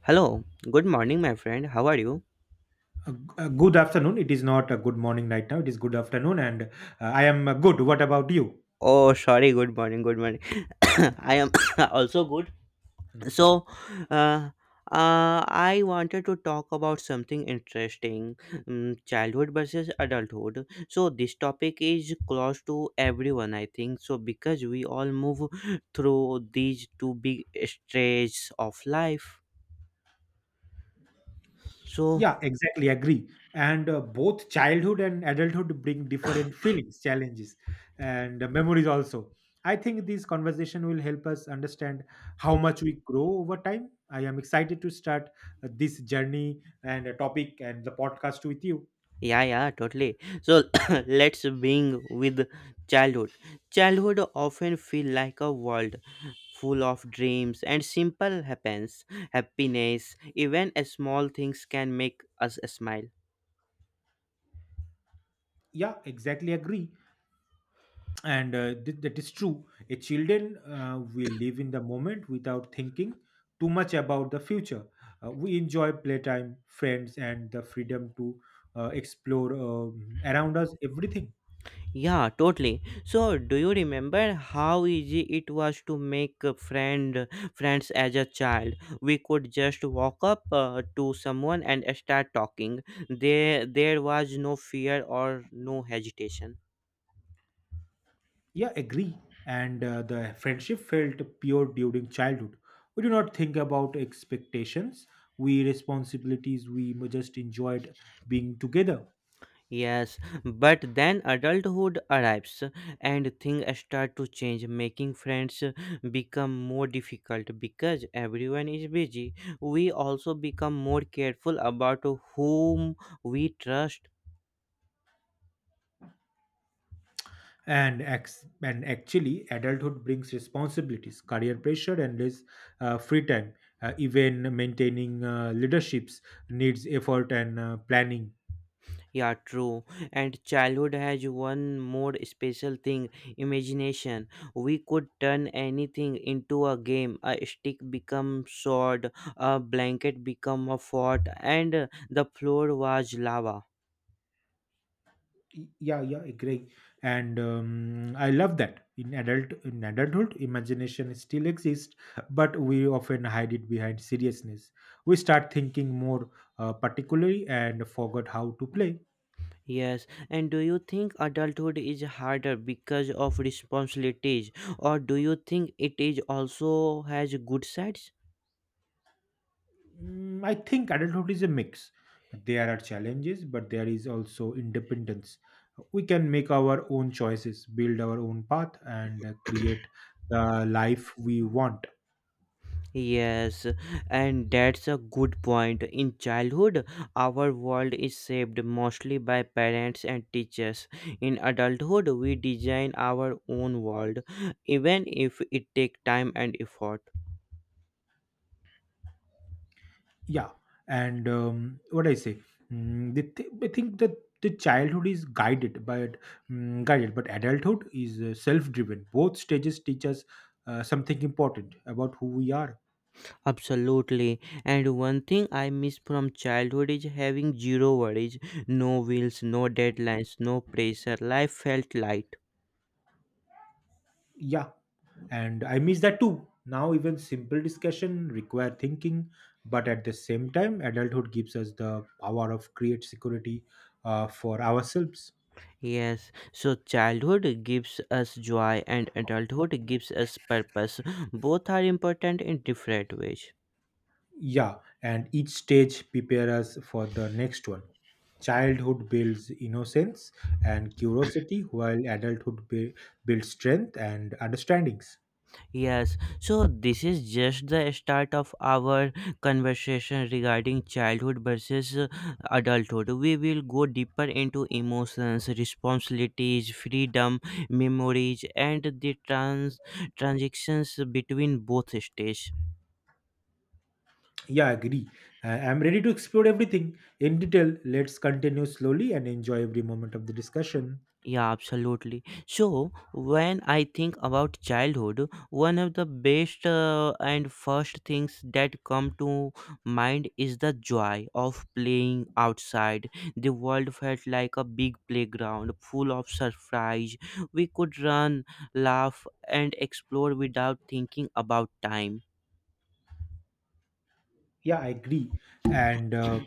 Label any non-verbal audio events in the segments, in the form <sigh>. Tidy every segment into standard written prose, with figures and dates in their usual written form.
Hello, good morning, my friend. How are you? Good afternoon. It is not a good morning right now. It is good afternoon, and I am good. What about you? Oh, sorry, good morning, good morning. <coughs> I am <coughs> also good. Hmm. So, uh, I wanted to talk about something interesting childhood versus adulthood. So, this topic is close to everyone, I think. So, because we all move through these two big stages of life. So, Yeah, exactly. Agree. And both childhood and adulthood bring different feelings, challenges, and memories also. I think this conversation will help us understand how much we grow over time. I am excited to start this journey and a topic and the podcast with you. yeah, yeah, totally. So <coughs> let's being with childhood. Childhood often feel like a world full of dreams and simple happens happiness. Even a small things can make us smile. Yeah, exactly. Agree. And that is true, a children will live in the moment without thinking too much about the future. We enjoy playtime, friends, and the freedom to explore around us everything. Yeah, totally. So do you remember how easy it was to make a friend friends as a child? We could just walk up to someone and start talking. There was no fear or no hesitation. Yeah, agree. And the friendship felt pure during childhood. We do not think about expectations, we responsibilities, we just enjoyed being together. Yes, but then adulthood arrives and things start to change, making friends become more difficult because everyone is busy. We also become more careful about whom we trust. And actually adulthood brings responsibilities, career pressure, and less free time. Even maintaining leaderships needs effort and planning. Yeah, true. And childhood has one more special thing imagination. We could turn anything into a game. A stick become sword, a blanket become a fort, and the floor was lava. Yeah, agree. And I love that in adulthood imagination still exists, but we often hide it behind seriousness. We start thinking more particularly and forgot how to play. Yes, and do you think adulthood is harder because of responsibilities, or do you think it is also has good sides? Mm, I think adulthood is a mix. There are challenges, but there is also independence. We can make our own choices, build our own path, and create the life we want. Yes, and that's a good point. In childhood, our world is shaped mostly by parents and teachers. In adulthood, we design our own world, even if it takes time and effort. Yeah. And what I say, I think that the childhood is guided, but guided, but adulthood is self-driven. Both stages teach us something important about who we are. Absolutely. And one thing I miss from childhood is having zero worries, no bills, no deadlines, no pressure. Life felt light. Yeah, and I miss that too. Now even simple discussion require thinking, but at the same time adulthood gives us the power of create security for ourselves. Yes, so childhood gives us joy and adulthood gives us purpose. Both are important in different ways. Yeah, and each stage prepare us for the next one. Childhood builds innocence and curiosity, while adulthood builds strength and understandings. Yes, so this is just the start of our conversation regarding childhood versus adulthood. We will go deeper into emotions, responsibilities, freedom, memories, and the transitions between both stages. Yeah, I agree. I'm ready to explore everything in detail. Let's continue slowly and enjoy every moment of the discussion. Yeah, absolutely. So, when I think about childhood, one of the best and first things that come to mind is the joy of playing outside. The world felt like a big playground full of surprise. We could run, laugh, and explore without thinking about time. Yeah, I agree. And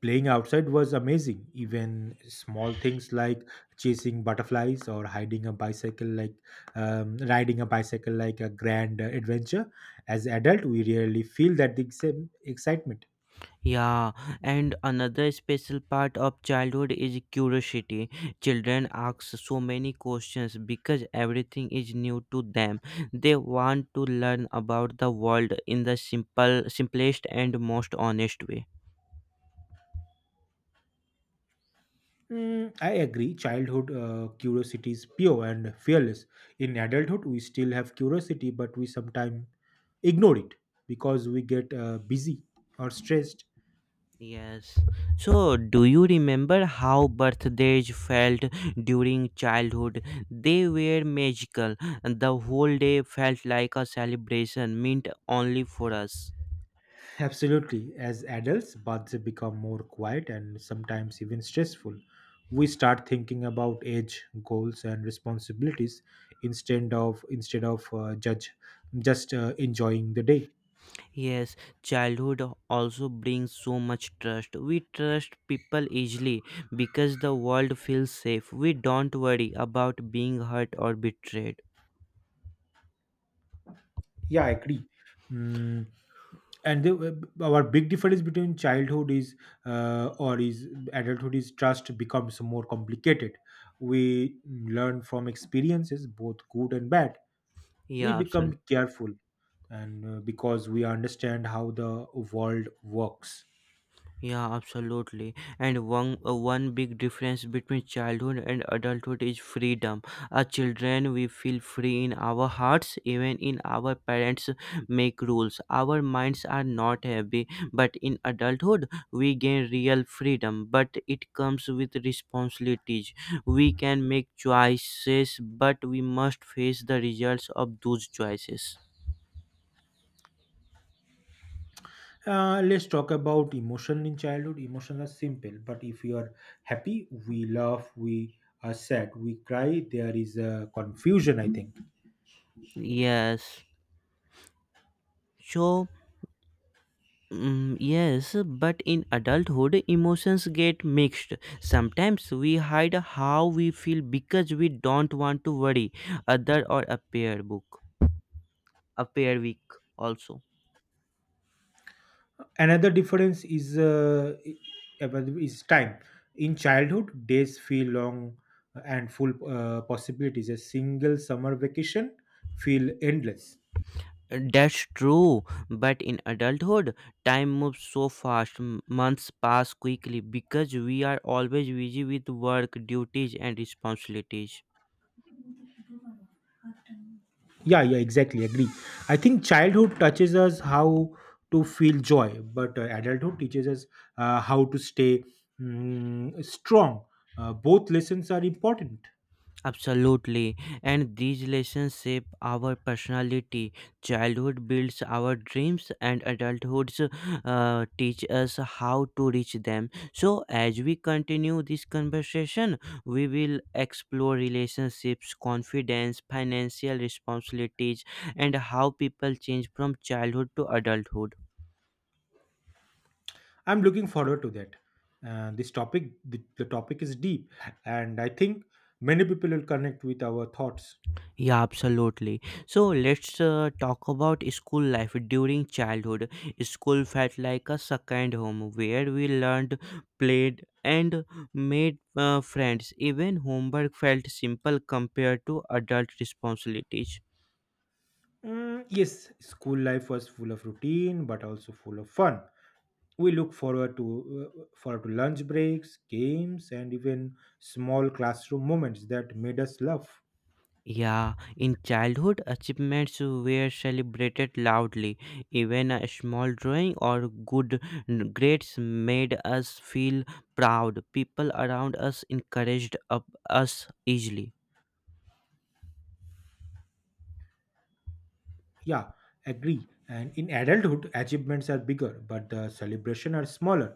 playing outside was amazing. Even small things like chasing butterflies or hiding a bicycle, like riding a bicycle, like a grand adventure. As adult, we rarely feel that the same excitement. Yeah, and another special part of childhood is curiosity. Children ask so many questions because everything is new to them. They want to learn about the world in the simplest, and most honest way. Mm, I agree. Childhood curiosity is pure and fearless. In adulthood, we still have curiosity, but we sometimes ignore it because we get busy or stressed. Yes. So, do you remember how birthdays felt during childhood? They were magical. The whole day felt like a celebration meant only for us. Absolutely. As adults, paths become more quiet and sometimes even stressful. We start thinking about age, goals, and responsibilities instead of judge just enjoying the day. Yes, childhood also brings so much trust. We trust people easily because the world feels safe. We don't worry about being hurt or betrayed. Yeah, I agree. Mm, and our big difference between childhood is or is adulthood is trust becomes more complicated. We learn from experiences, both good and bad. We Yeah, absolutely. become careful, and because we understand how the world works. Yeah, absolutely. And one big difference between childhood and adulthood is freedom. As children, we feel free in our hearts, even in our parents make rules. Our minds are not heavy, but in adulthood, we gain real freedom. But it comes with responsibilities. We can make choices, but we must face the results of those choices. Let's talk about emotion. In childhood emotions are simple, but if we are happy we laugh, we are sad we cry, there is a confusion I think. Yes. So. Mm, yes, but in adulthood, emotions get mixed. Sometimes we hide how we feel because we don't want to worry other or appear weak also. Another difference is time. In childhood days feel long and full possibilities. A single summer vacation feel endless. That's true, but in adulthood, time moves so fast. Months pass quickly because we are always busy with work, duties, and responsibilities. Yeah, yeah, exactly. Agree. I think childhood touches us how to feel joy, but adulthood teaches us how to stay strong. Both lessons are important. Absolutely. And these lessons shape our personality. Childhood builds our dreams, and adulthoods teach us how to reach them. So, as we continue this conversation, we will explore relationships, confidence, financial responsibilities, and how people change from childhood to adulthood. I'm looking forward to that. This topic, the topic is deep, and I think many people will connect with our thoughts. Yeah, absolutely. So let's talk about school life. During childhood, school felt like a second home where we learned, played, and made friends. Even homework felt simple compared to adult responsibilities. Mm, yes, school life was full of routine, but also full of fun. We look forward to lunch breaks, games, and even small classroom moments that made us laugh. Yeah, in childhood, achievements were celebrated loudly. Even a small drawing or grades made us feel proud. People around us encouraged up us easily. Yeah, agree. And in adulthood achievements are bigger, but the celebration are smaller.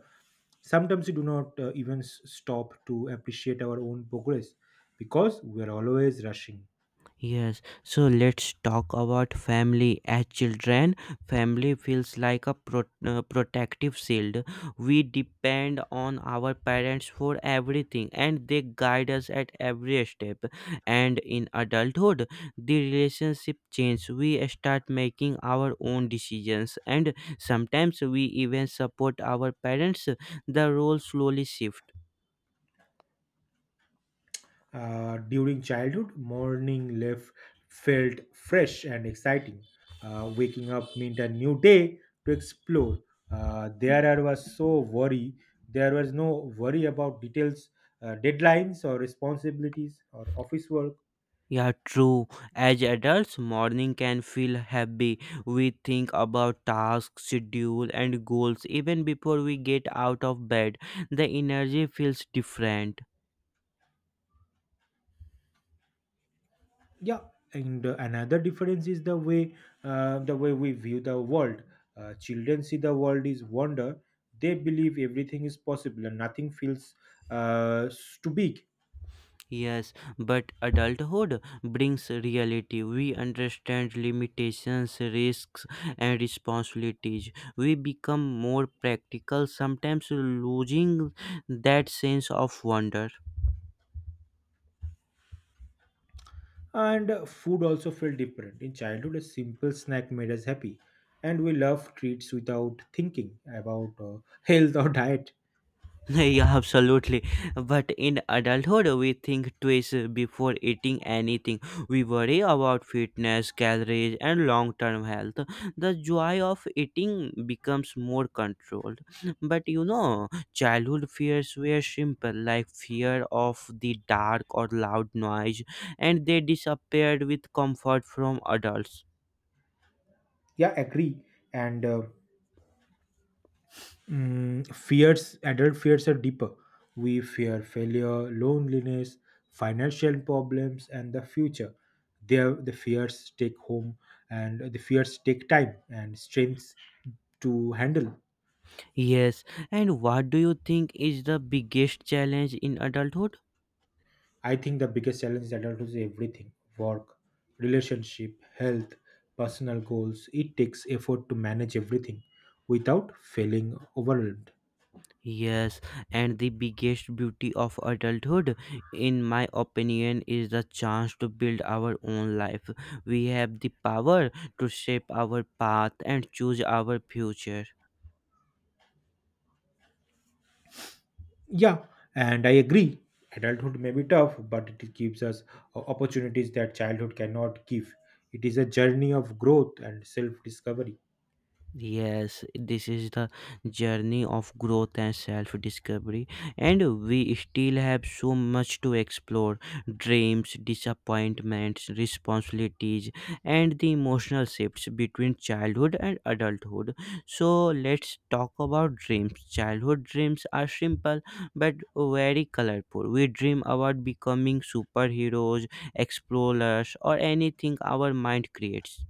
Sometimes we do not even stop to appreciate our own progress because we are always rushing. Yes, so let's talk about family. As children, family feels like a protective shield. We depend on our parents for everything and they guide us at every step. And in adulthood, the relationship changes. We start making our own decisions and sometimes we even support our parents. The role slowly shifts. During childhood, morning life felt fresh and exciting. Waking up meant a new day to explore. There I was so worry. There was no worry about details, deadlines, or responsibilities, or office work. Yeah, true. As adults, morning can feel heavy. We think about tasks, schedule, and goals even before we get out of bed. The energy feels different. Yeah, and another difference is the way we view the world. Children see the world is wonder. They believe everything is possible and nothing feels too big. Yes, but adulthood brings reality. We understand limitations, risks, and responsibilities. We become more practical, sometimes losing that sense of wonder. And food also felt different. In childhood, a simple snack made us happy, and we loved treats without thinking about <laughs> health or diet. <laughs> Yeah, absolutely. But in adulthood, we think twice before eating anything. We worry about fitness, calories, and long term health. The joy of eating becomes more controlled. But you know, childhood fears were simple, like fear of the dark or loud noise, and they disappeared with comfort from adults. Yeah, agree. And fears, adult fears are deeper. We fear failure, loneliness, financial problems, and the future. There, the fears take home, and the fears take time and strength to handle. Yes, and what do you think is the biggest challenge in adulthood? I think the biggest challenge is adulthood is everything, work, relationship, health, personal goals. It takes effort to manage everything without feeling overwhelmed. Yes, and the biggest beauty of adulthood, in my opinion, is the chance to build our own life. We have the power to shape our path and choose our future. Yeah, and I agree. Adulthood may be tough, but it gives us opportunities that childhood cannot give. It is a journey of growth and self discovery. Yes, this is the journey of growth and self discovery, and we still have so much to explore dreams, disappointments, responsibilities, and the emotional shifts between childhood and adulthood. So, let's talk about dreams. Childhood dreams are simple but very colorful. We dream about becoming superheroes, explorers, or anything our mind creates.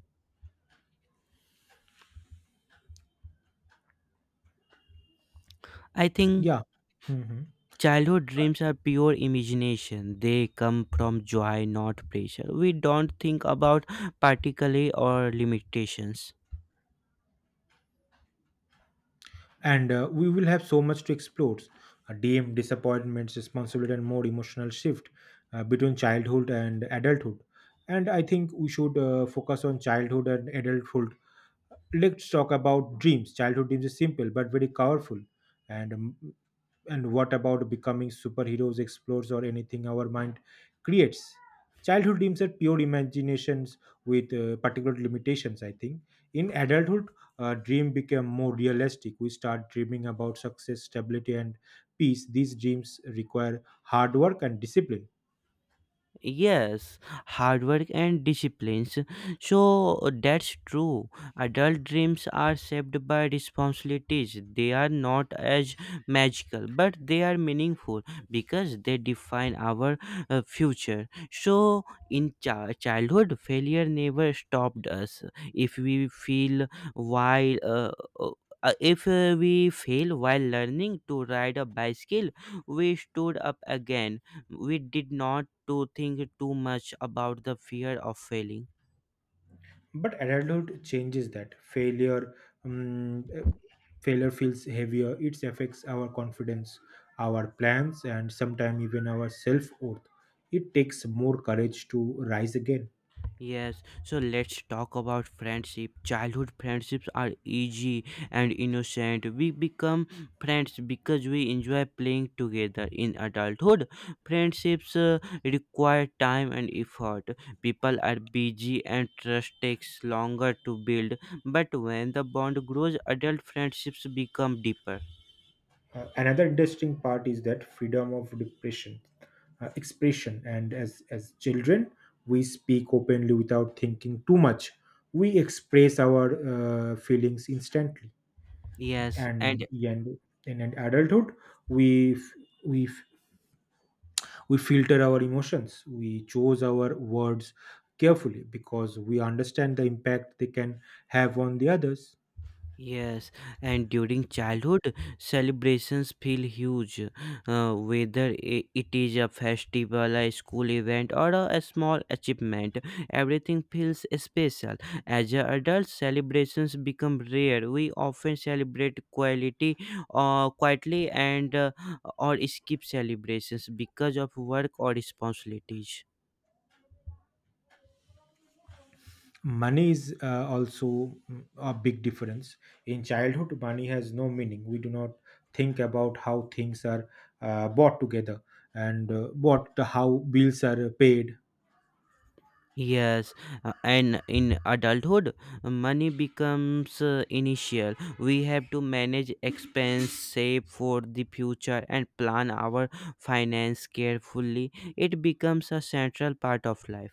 I think Yeah. Mhm. childhood dreams are pure imagination. They come from joy, not pressure. We don't think about particle or limitations. And we will have so much to explore, dm disappointments, responsibility, and more emotional shift between childhood and adulthood. And I think we should focus on childhood and adulthood. Let's talk about dreams. Childhood dreams is simple but very powerful. And um, and what about becoming superheroes, explorers, or anything our mind creates. Childhood dreams are pure imaginations with particular limitations, I think. In adulthood, dream become more realistic. We start dreaming about success, stability, and peace. These dreams require hard work and discipline. Yes, hard work and disciplines. So that's true. Adult dreams are shaped by responsibilities. They are not as magical, but they are meaningful because they define our future. So in childhood, failure never stopped us. If we feel while uh, if we fail while learning to ride a bicycle, we stood up again. We did not to think too much about the fear of failing. But adulthood changes that failure. um, eh, Failure feels heavier. It affects our confidence, our plans, and sometimes even our self-worth. It takes more courage to rise again. Yes, so let's talk about friendship. Childhood friendships are easy and innocent. We become friends because we enjoy playing together. In adulthood, friendships require time and effort. People are busy and trust takes longer to build, but when the bond grows, adult friendships become deeper. Another interesting part is that freedom of depression expression. And as children we speak openly without thinking too much. We express our feelings instantly. Yes, and and and in an adulthood we f- we f- We filter our emotions. We choose our words carefully because we understand the impact they can have on the others. yes, and during childhood, celebrations feel huge, whether it is a festival, a school event, or a small achievement. Everything feels special. As a adult, celebrations become rare. We often quietly, and or skip celebrations because of work or responsibilities. Money is also a big difference. In childhood, money has no meaning. We do not think about how things are bought together, and how bills are paid. Yes, and in adulthood, money becomes initial. We have to manage expense, save for the future, and plan our finance carefully. It becomes a central part of life.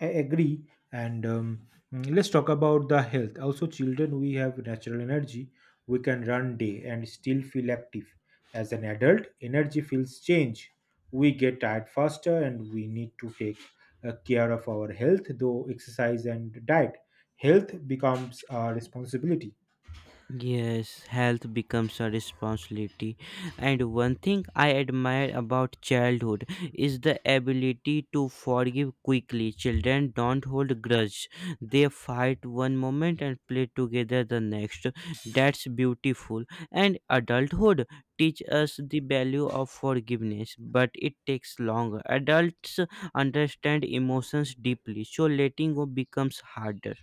I agree. And let's talk about the health. Also, children, we have natural energy. We can run day and still feel active. As an adult, energy feels change. We get tired faster, and we need to take care of our health, though exercise and diet. Health becomes a responsibility. Yes, health becomes a responsibility. And one thing I admire about childhood is the ability to forgive quickly. Children don't hold grudge. They fight one moment and play together the next. That's beautiful. And adulthood teach us the value of forgiveness, but it takes longer. Adults understand emotions deeply, so letting go becomes harder.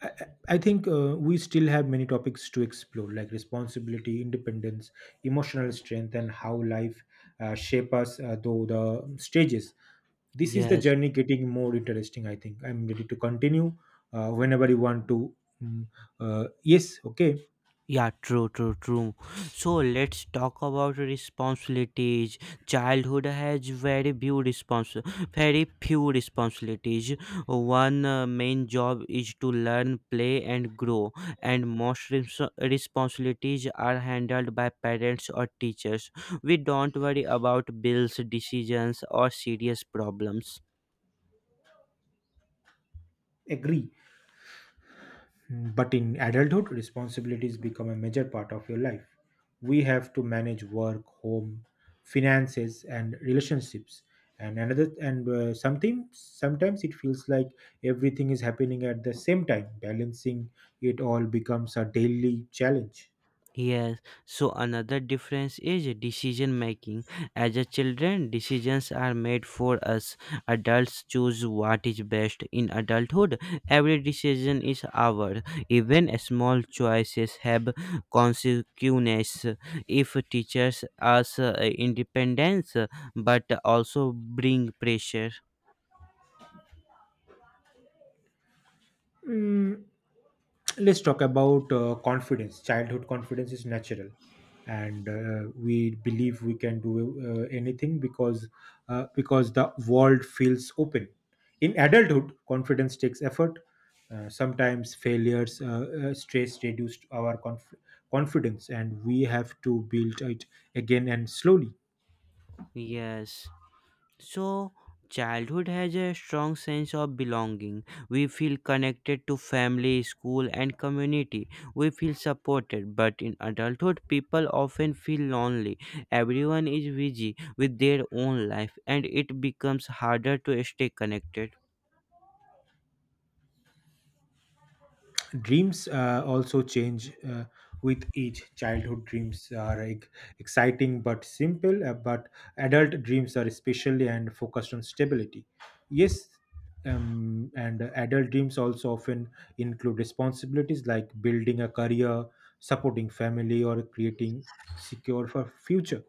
I think we still have many topics to explore, like responsibility, independence, emotional strength, and how life shape us through the stages. This is the Yes. journey getting more interesting. I think I'm ready to continue whenever you want to. Mm, yes, okay, Yeah, true. So let's talk about responsibilities. Childhood has very few responsibilities. One main job is to learn, play, and grow, and responsibilities are handled by parents or teachers. We don't worry about bills, decisions, or serious problems. agree. Mm. But in adulthood, responsibilities become a major part of your life. We have to manage work, home, finances, and relationships. And another, and something sometimes it feels like everything is happening at the same time. Balancing it all becomes a daily challenge. Yes, so another difference is decision making. As a children, decisions are made for us. Adults choose what is best. In adulthood, every decision is ours. Even small choices have consequences. If teachers us independence, but also bring pressure. Let's talk about confidence. Childhood confidence is natural, and we believe we can do anything, because the world feels open. In adulthood confidence takes effort. Sometimes failures, stress reduced our confidence, and we have to build it again and slowly. Yes. So, childhood has a strong sense of belonging. We feel connected to family, school, and community. We feel supported. But in adulthood, people often feel lonely. Everyone is busy with their own life, and it becomes harder to stay connected. Dreams also change with age. Childhood dreams are, like, exciting but simple, but adult dreams are especially and focused on stability. Yes. And adult dreams also often include responsibilities like building a career, supporting family, or creating secure for future.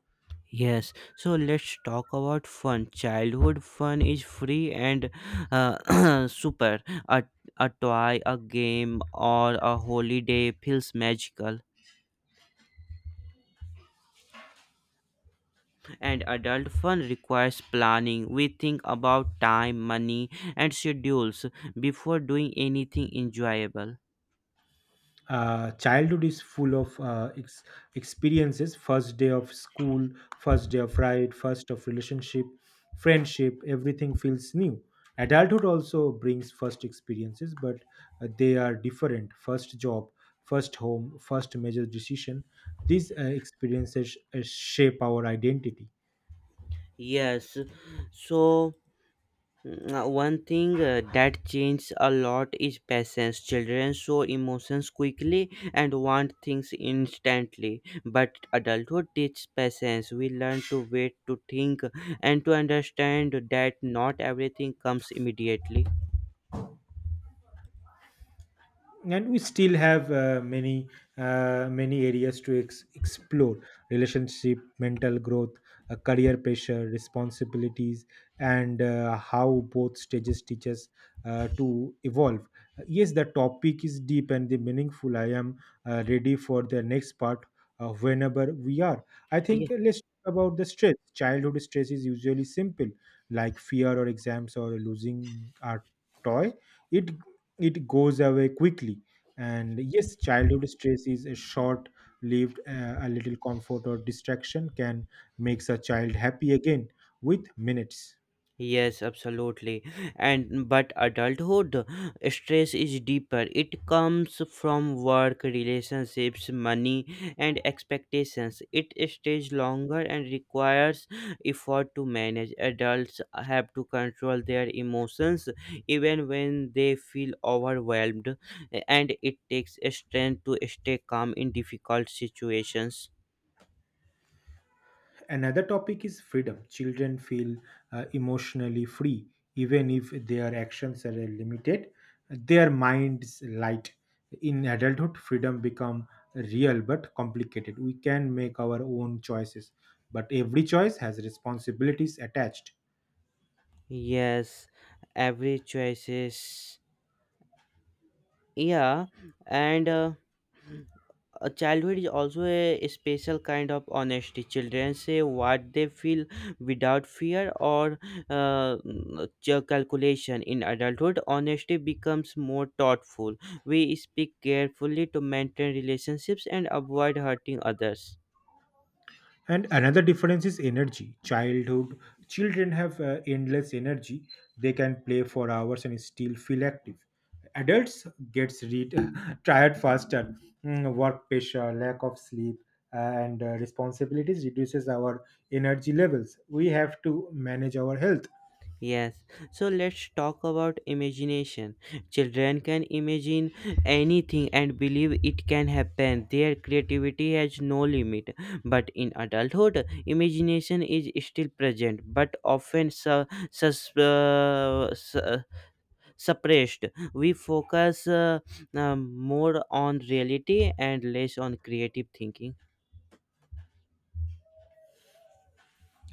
Yes, so let's talk about fun. Childhood fun is free and <clears throat> super. A, a toy, a game, or a holiday feels magical, and adult fun requires planning. We think about time, money, and schedules before doing anything enjoyable. Childhood is full of experiences. First day of school, first day of ride, first of relationship, friendship, everything feels new. Adulthood also brings first experiences, but they are different. First job, first home, first major decision. These experiences shape our identity. Yes, so one thing that changes a lot is patience. Children show emotions quickly and want things instantly, but adulthood teaches patience. We learn to wait, to think, and to understand that not everything comes immediately. And we still have many areas to explore. Relationship, mental growth, career pressure, responsibilities, and how both stages teach us to evolve. Yes, the topic is deep and the meaningful. I am ready for the next part whenever we are. I think let's talk about the stress. Childhood stress is usually simple, like fear or exams or losing our toy. It it goes away quickly. And yes, childhood stress is a short lived. A little comfort or distraction can makes a child happy again with minutes. Yes, absolutely. And but adulthood stress is deeper. It comes from work, relationships, money, and expectations. It stays longer and requires effort to manage. Adults have to control their emotions even when they feel overwhelmed, and it takes strength to stay calm in difficult situations. Another topic is freedom. Children feel emotionally free, even if their actions are limited. Their minds light. In adulthood freedom become real but complicated. We can make our own choices, but every choice has responsibilities attached. Yes, every choices. Yeah, and a childhood is also a special kind of honesty. Children say what they feel without fear or uh, calculation. In adulthood, honesty becomes more thoughtful. We speak carefully to maintain relationships and avoid hurting others. And another difference is energy. Childhood children have endless energy. They can play for hours and still feel active. Adults gets read, <laughs> tired faster. Work pressure, lack of sleep, and responsibilities reduces our energy levels. We have to manage our health. Yes, so let's talk about imagination. Children can imagine anything and believe it can happen. Their creativity has no limit. But in adulthood, imagination is still present but often sus- uh, su- uh, suppressed. We focus more on reality and less on creative thinking.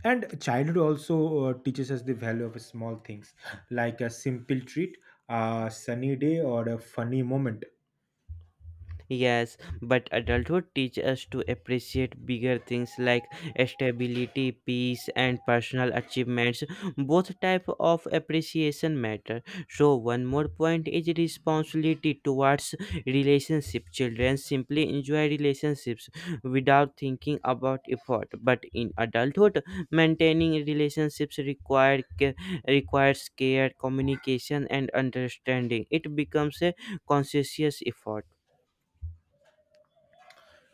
And childhood also teaches us the value of small things like a simple treat, a sunny day, or a funny moment. Yes, but adulthood teaches us to appreciate bigger things like stability, peace, and personal achievements. Both type of appreciation matter. So one more point is responsibility towards relationship. Children simply enjoy relationships without thinking about effort. But in adulthood, maintaining relationships require ca- requires care, communication, and understanding. It becomes a conscious effort.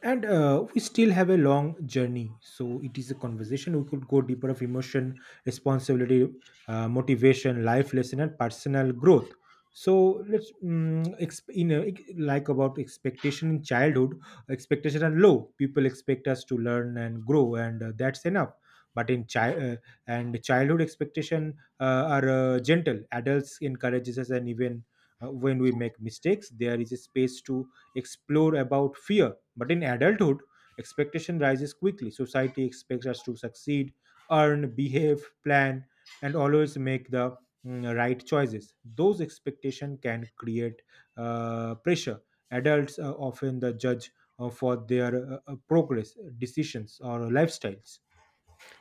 And we still have a long journey, so it is a conversation we could go deeper of emotion, responsibility, motivation, life lesson, and personal growth. So let's like about expectation. In childhood expectation are low, people expect us to learn and grow, and that's enough. But in childhood expectation are gentle. Adults encourages us, and even when we make mistakes there is a space to explore about fear. But in adulthood, expectation rises quickly. Society expects us to succeed, earn, behave, plan, and always make the right choices. Those expectations can create pressure. Adults are often the judge for their progress, decisions, or lifestyles.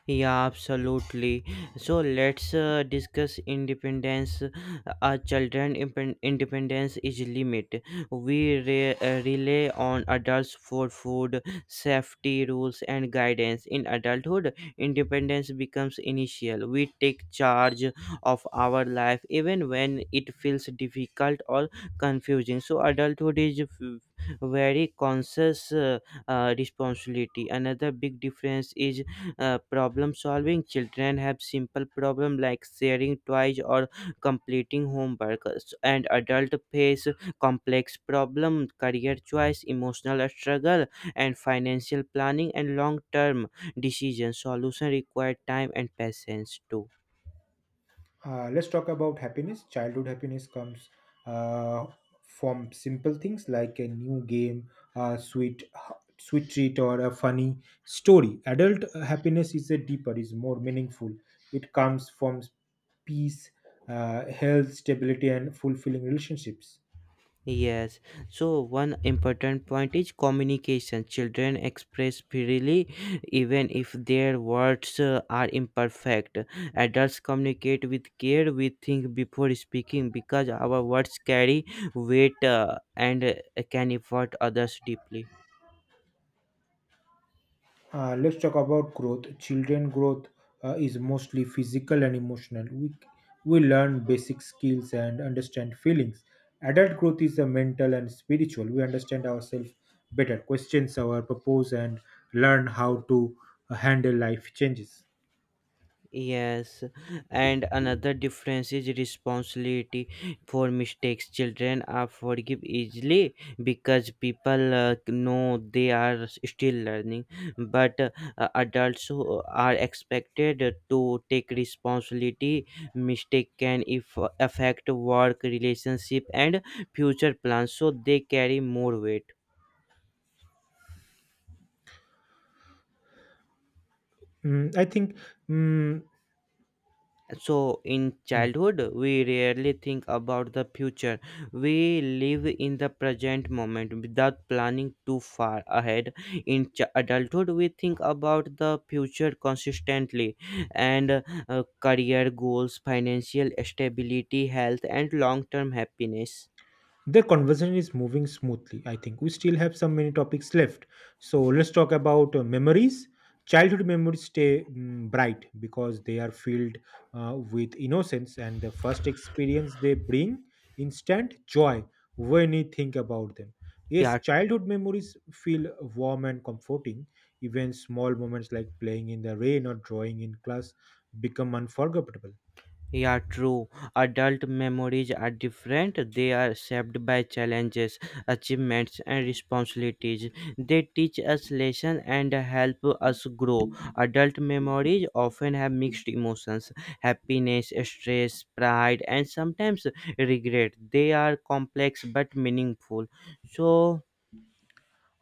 Yeah, absolutely. So let's discuss independence. A children impen- independence is limit. We rely on adults for food, safety rules, and guidance. In adulthood, independence becomes initial. We take charge of our life even when it feels difficult or confusing. So adulthood is very conscious responsibility. Another big difference is problem solving. Children have simple problem like sharing toys or completing homework, and adult face complex problem, career choice, emotional struggle, and financial planning, and long term decision solution require time and patience too. Let's talk about happiness. Childhood happiness comes uh, from simple things like a new game, a sweet sweet treat, or a funny story. Adult happiness is a deeper, is more meaningful. It comes from peace, health, stability, and fulfilling relationships. Yes, so one important point is communication. Children express freely even if their words are imperfect. Adults communicate with care. We think before speaking because our words carry weight, and can affect others deeply. Let's talk about growth. Children growth is mostly physical and emotional. We learn basic skills and understand feelings. Adult growth is a mental and spiritual. We understand ourselves better, questions our purpose, and learn how to handle life changes. Yes, and another difference is responsibility for mistakes. Children are forgive easily because people know they are still learning, but adults who are expected to take responsibility. Mistake can if affect work, relationship, and future plans, so they carry more weight. Mm, I think. Mm, So, in hmm. childhood, we rarely think about the future. We live in the present moment without planning too far ahead. In adulthood, we think about the future consistently and career goals, financial stability, health, and long term happiness. The conversation is moving smoothly. I think we still have some many topics left. So let's talk about memories. Childhood memories stay bright because they are filled with innocence, and the first experience they bring instant joy when you think about them. Yes, Yeah, childhood memories feel warm and comforting. Even small moments like playing in the rain or drawing in class become unforgettable. Yeah, true. Adult memories are different. They are shaped by challenges, achievements, and responsibilities. They teach us lessons and help us grow. Adult memories often have mixed emotions, happiness, stress, pride, and sometimes regret. They are complex but meaningful. So,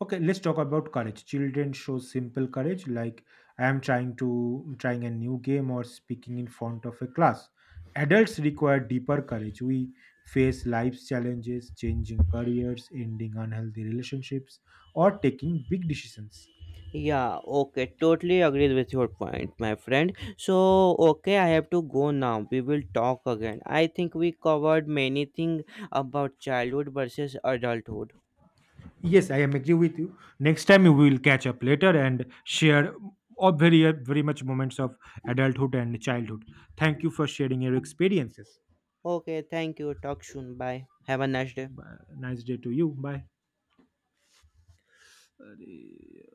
Okay, let's talk about courage. Children show simple courage, like I am trying a new game or speaking in front of a class. Adults require deeper courage. We face life's challenges, changing careers, ending unhealthy relationships, or taking big decisions. yeah, okay, totally agreed with your point, my friend. So, okay, I have to go now. We will talk again. I think we covered many things about childhood versus adulthood. Yes, I am agree with you. Next time we will catch up later and share all very very much moments of adulthood and childhood. Thank you for sharing your experiences. Okay, thank you. Talk soon. Bye. Have a nice day. Bye. Nice day to you. Bye.